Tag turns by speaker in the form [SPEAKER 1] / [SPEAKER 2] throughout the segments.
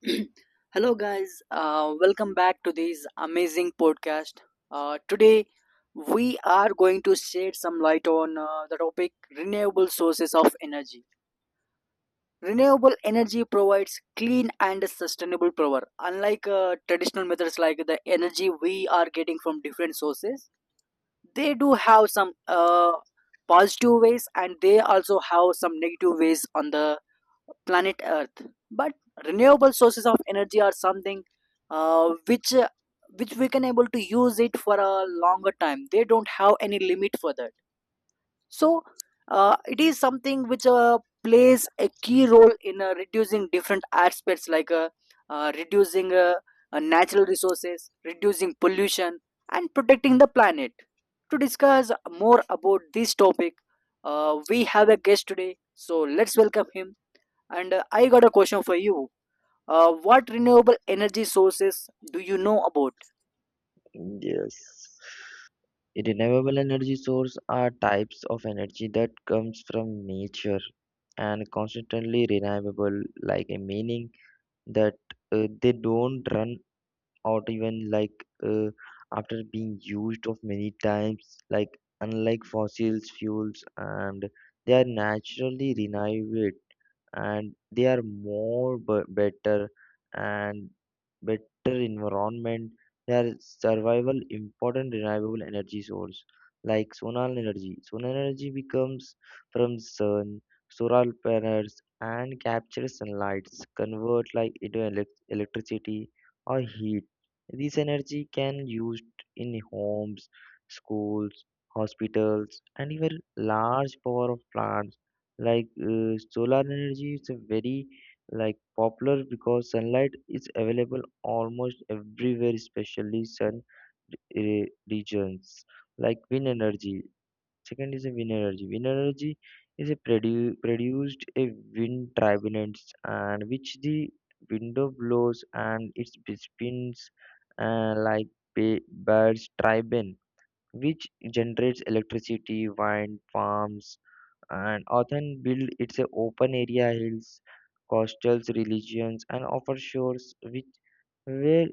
[SPEAKER 1] Hello, guys. Welcome back to this amazing podcast. Today, we are going to shed some light on the topic renewable sources of energy. Renewable energy provides clean and sustainable power. Unlike traditional methods like the energy we are getting from different sources, they do have some positive ways, and they also have some negative ways on the planet Earth. But renewable sources of energy are something uh, which uh, which we can able to use it for a longer time. They don't have any limit for that. So it is something which plays a key role in reducing different aspects like reducing natural resources, reducing pollution, and protecting the planet. To discuss more about this topic, we have a guest today. So let's welcome him. And I got a question for you. What renewable energy sources do you know about?
[SPEAKER 2] Yes. Renewable energy source are types of energy that comes from nature and constantly renewable, like a meaning that they don't run out even like after being used of many times, like unlike fossils fuels, and they are naturally renewable and they are more better and better environment. Their survival important renewable energy source like solar energy. Solar energy becomes from sun, solar panels, and captures sunlight, convert like into electricity or heat. This energy can used in homes, schools, hospitals, and even large power of plants like solar energy is a very like popular because sunlight is available almost everywhere, especially sun regions like wind energy. Second is a wind energy. Wind energy is a produced a wind turbines and which the window blows and it spins like birds turbine, which generates electricity, wind farms, and often build its open area hills coastal regions and offshore shores which where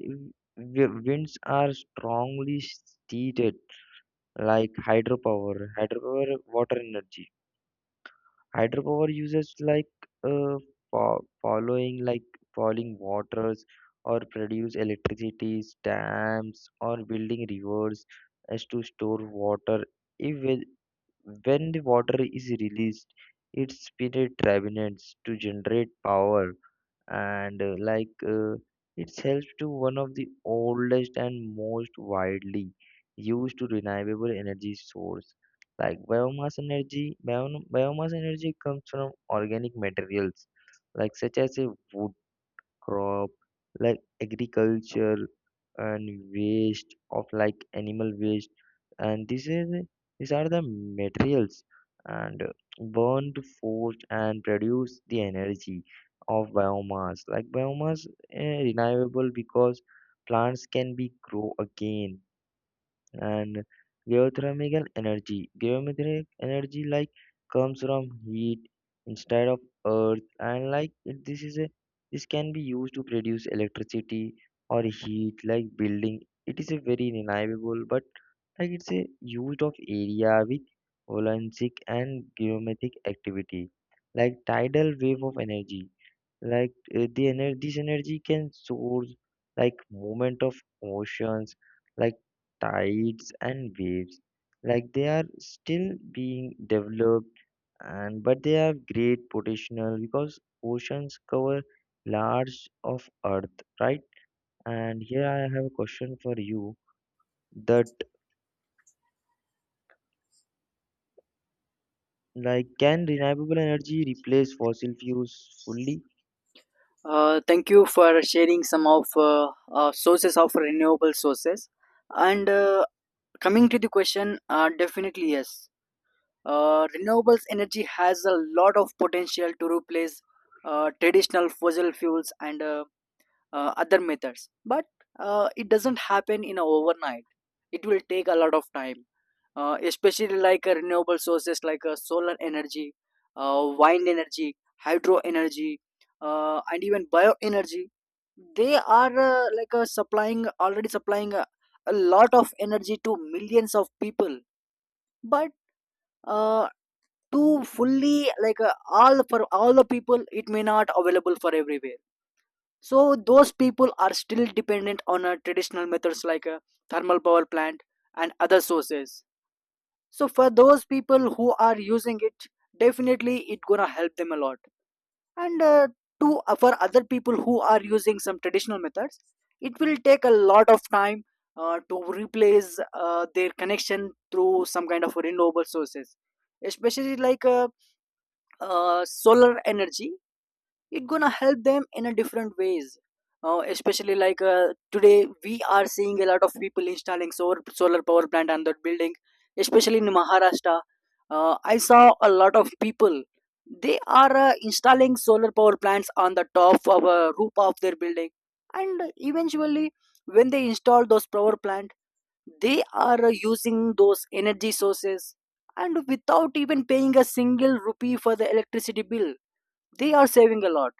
[SPEAKER 2] winds are strongly steered like hydropower water energy hydropower uses like uh, following like falling waters or produce electricity dams or building rivers as to store water if when the water is released, it spins turbines to generate power, and it helps to one of the oldest and most widely used to renewable energy source. Like biomass energy, biomass energy comes from organic materials, like such as a wood crop like agriculture and waste of like animal waste and this is these are the materials and burned forced and produce the energy of biomass like biomass renewable because plants can be grow again and geothermal energy. Geothermal energy like comes from heat instead of earth and like this is a this can be used to produce electricity or heat like building. It is a very reliable but like it's a used of area with volcanic and geometric activity like tidal wave of energy like the energy this energy can source like movement of oceans like tides and waves like they are still being developed and but they have great potential because oceans cover large of earth, right? And here I have a question for you that like can renewable energy replace fossil fuels fully?
[SPEAKER 1] Thank you for sharing some of sources of renewable sources. And coming to the question, definitely yes. Renewables energy has a lot of potential to replace traditional fossil fuels and other methods, but it doesn't happen in a overnight. It will take a lot of time, especially like renewable sources like solar energy, wind energy, hydro energy, and even bioenergy. They are like supplying already supplying a lot of energy to millions of people. But uh, to fully like all for all the people, it may not available for everywhere. So those people are still dependent on traditional methods like a thermal power plant and other sources. So for those people who are using it, definitely it gonna help them a lot. And uh, to uh, for other people who are using some traditional methods, it will take a lot of time to replace their connection through some kind of renewable sources, especially like solar energy. It's gonna help them in a different ways. Especially like today we are seeing a lot of people installing solar power plant on their building, especially in Maharashtra. I saw a lot of people, they are installing solar power plants on the top of a roof of their building. And eventually, when they install those power plant, they are using those energy sources, and without even paying a single rupee for the electricity bill, they are saving a lot.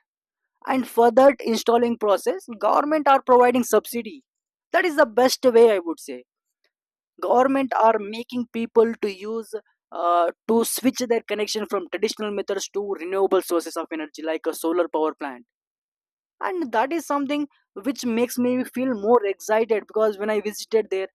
[SPEAKER 1] And for that installing process, government are providing subsidy. That is the best way, I would say. Government are making people to use to switch their connection from traditional methods to renewable sources of energy like a solar power plant. And that is something which makes me feel more excited, because when I visited there,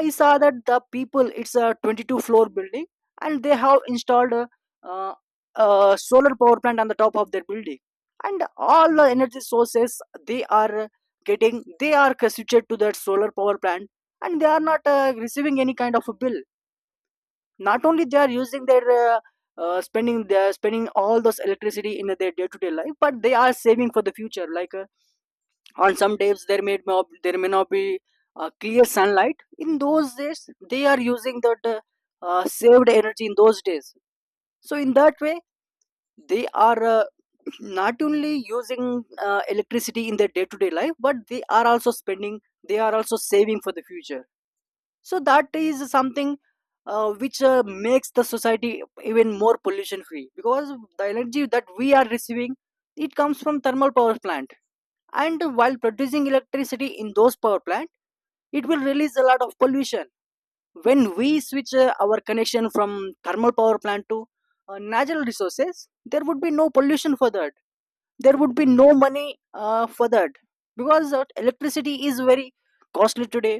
[SPEAKER 1] I saw that the people, it's a 22 floor building, and they have installed uh, a solar power plant on the top of their building. And all the energy sources they are getting, they are constituted to that solar power plant. And they are not receiving any kind of a bill. Not only they are using their spending they are spending all those electricity in their day-to-day life, but they are saving for the future, like on some days there may not be clear sunlight. In those days, they are using that saved energy in those days. So in that way, they are not only using electricity in their day to day life, but they are also saving for the future. So that is something which makes the society even more pollution free, because the energy that we are receiving, it comes from thermal power plants. And while producing electricity in those power plant, it will release a lot of pollution. When we switch our connection from thermal power plant to natural resources, there would be no pollution for that. There would be no money for that, because electricity is very costly today.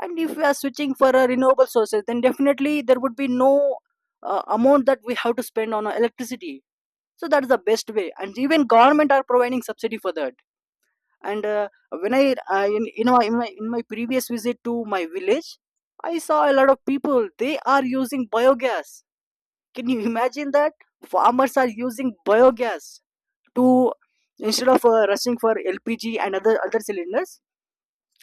[SPEAKER 1] And if we are switching for renewable sources, then definitely there would be no amount that we have to spend on electricity. So that's the best way, and even government are providing subsidy for that. And when I in, you know in my previous visit to my village, I saw a lot of people, they are using biogas. Can you imagine that? Farmers are using biogas to, instead of rushing for LPG and other cylinders,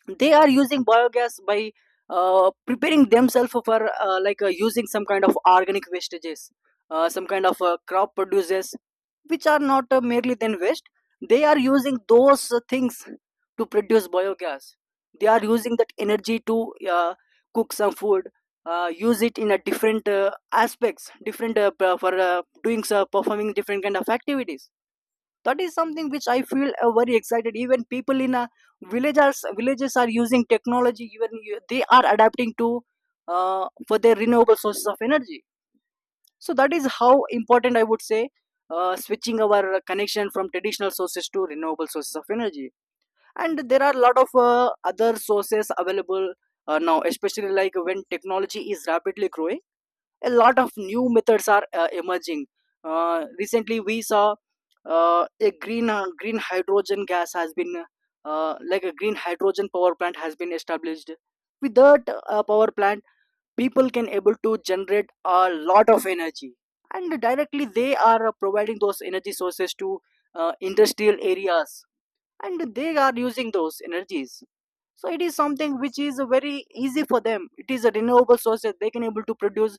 [SPEAKER 1] they are using biogas by preparing themselves for using some kind of organic wastages, some kind of crop produces which are not merely then waste. They are using those things to produce biogas. They are using that energy to uh, cook some food, use it in a different aspects, different p- for doing so performing different kind of activities. That is something which I feel very excited. Even people in a villagers villages are using technology. Even they are adapting to for their renewable sources of energy. So that is how important, I would say, switching our connection from traditional sources to renewable sources of energy. And there are a lot of other sources available now, especially like when technology is rapidly growing, a lot of new methods are emerging. Recently, we saw a green green hydrogen gas has been like a green hydrogen power plant has been established. With that power plant, people can able to generate a lot of energy, and directly they are providing those energy sources to industrial areas, and they are using those energies. So it is something which is very easy for them. It is a renewable source that they can able to produce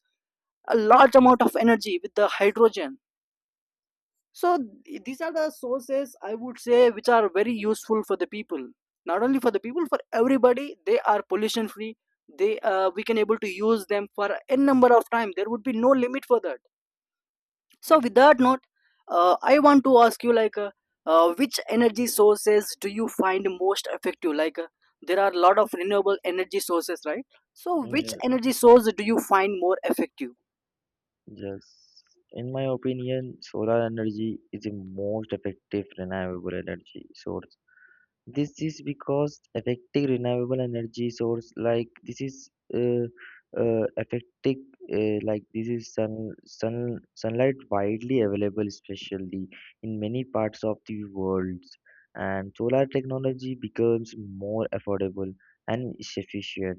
[SPEAKER 1] a large amount of energy with the hydrogen. So these are the sources, I would say, which are very useful for the people, not only for the people, for everybody. They are pollution free. They We can able to use them for n number of time. There would be no limit for that. So with that note, I want to ask you, like which energy sources do you find most effective? Like there are a lot of renewable energy sources, right? So which
[SPEAKER 2] Yeah.
[SPEAKER 1] energy source do you find more effective?
[SPEAKER 2] Yes, in my opinion, solar energy is the most effective renewable energy source. This is because affecting renewable energy source like this is affecting like this is sun sunlight widely available, especially in many parts of the world, and solar technology becomes more affordable and efficient.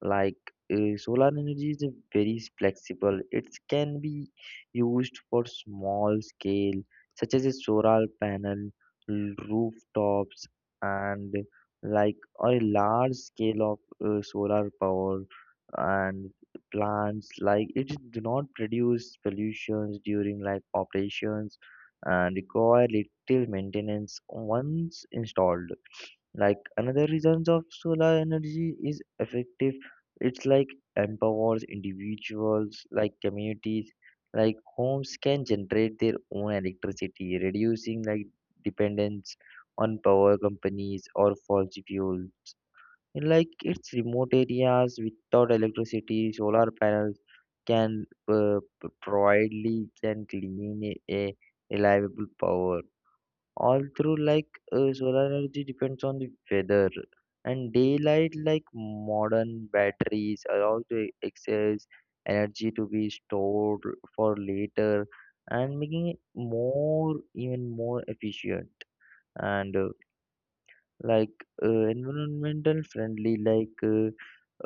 [SPEAKER 2] Like solar energy is a very flexible; it can be used for small scale, such as a solar panel rooftops and like a large scale of solar power and plants like it do not produce pollutions during like operations and require little maintenance once installed like another reasons of solar energy is effective. It's like empowers individuals, like communities, like homes can generate their own electricity, reducing like dependence on power companies or fossil fuel. In like its remote areas without electricity, solar panels can providely can clean a reliable power all through like solar energy depends on the weather and daylight like modern batteries allow the excess energy to be stored for later and making it more even more efficient and like environmental friendly like uh,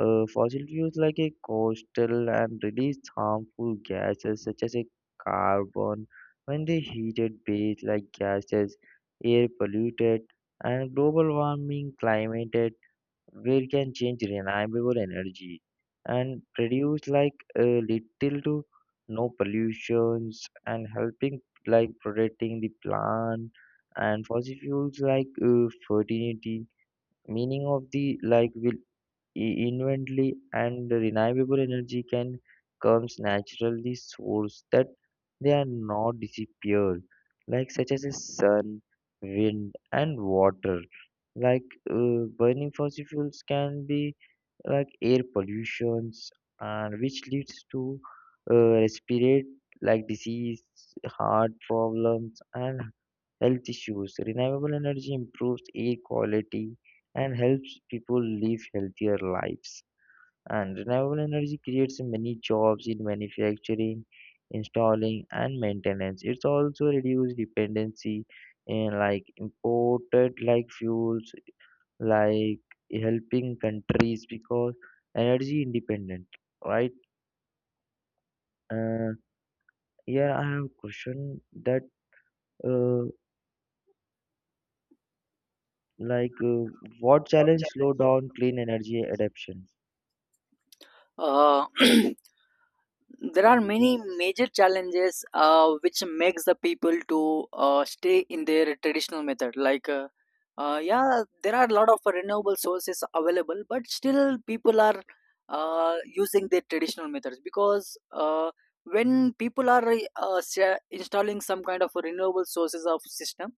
[SPEAKER 2] uh, fossil fuels like a coastal and release harmful gases such as a carbon when they heated base like gases air polluted and global warming climate where it can change renewable energy and produce like little to no pollutions and helping like protecting the plant and fossil fuels like fertility meaning of the like we inventory and renewable energy can comes naturally source that they are not disappear like such as the sun wind and water like burning fossil fuels can be like air pollutions and which leads to respirate like disease heart problems and health issues renewable energy improves air quality and helps people live healthier lives and renewable energy creates many jobs in manufacturing installing and maintenance it's also reduce dependency in like imported like fuels like helping countries because energy independent, right? Uh, yeah, I have a question that uh, like uh, what challenge slow down clean energy adoption?
[SPEAKER 1] Uh, there are many major challenges which makes the people to stay in their traditional method. Like yeah, there are a lot of renewable sources available, but still people are using their traditional methods, because when people are installing some kind of renewable sources of system,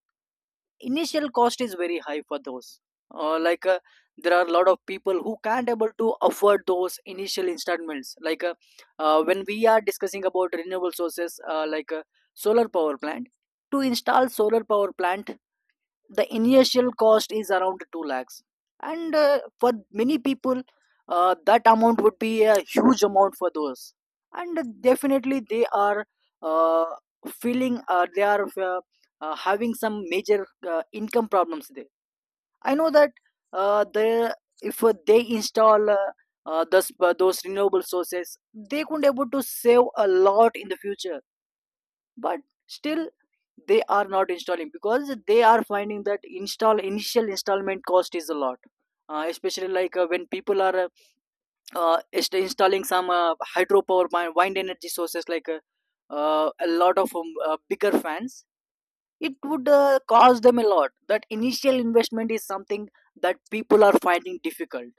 [SPEAKER 1] initial cost is very high for those, uh, like uh, there are a lot of people who can't able to afford those initial installments. Like when we are discussing about renewable sources solar power plant, to install solar power plant, the initial cost is around 2 lakhs. And for many people, that amount would be a huge amount for those. And definitely they are uh, feeling they are having some major income problems there. I know that they if they install those renewable sources, they could able to save a lot in the future. But still they are not installing, because they are finding that install initial installment cost is a lot. Especially like when people are installing some wind energy sources like a lot of bigger fans, it would cost them a lot. That initial investment is something that people are finding difficult.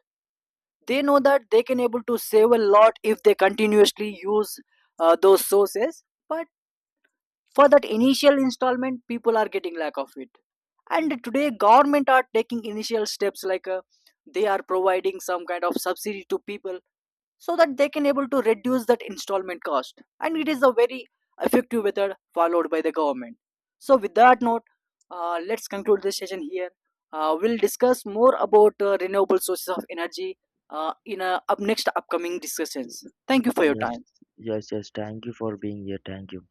[SPEAKER 1] They know that they can able to save a lot if they continuously use those sources. But for that initial installment, people are getting lack of it. And today government are taking initial steps. Like they are providing some kind of subsidy to people, so that they can able to reduce that installment cost. And it is a very effective method followed by the government. So with that note, let's conclude this session here. We'll discuss more about renewable sources of energy in up next upcoming discussions. Thank you for your
[SPEAKER 2] Yes,
[SPEAKER 1] time.
[SPEAKER 2] yes, yes. Thank you for being here. Thank you.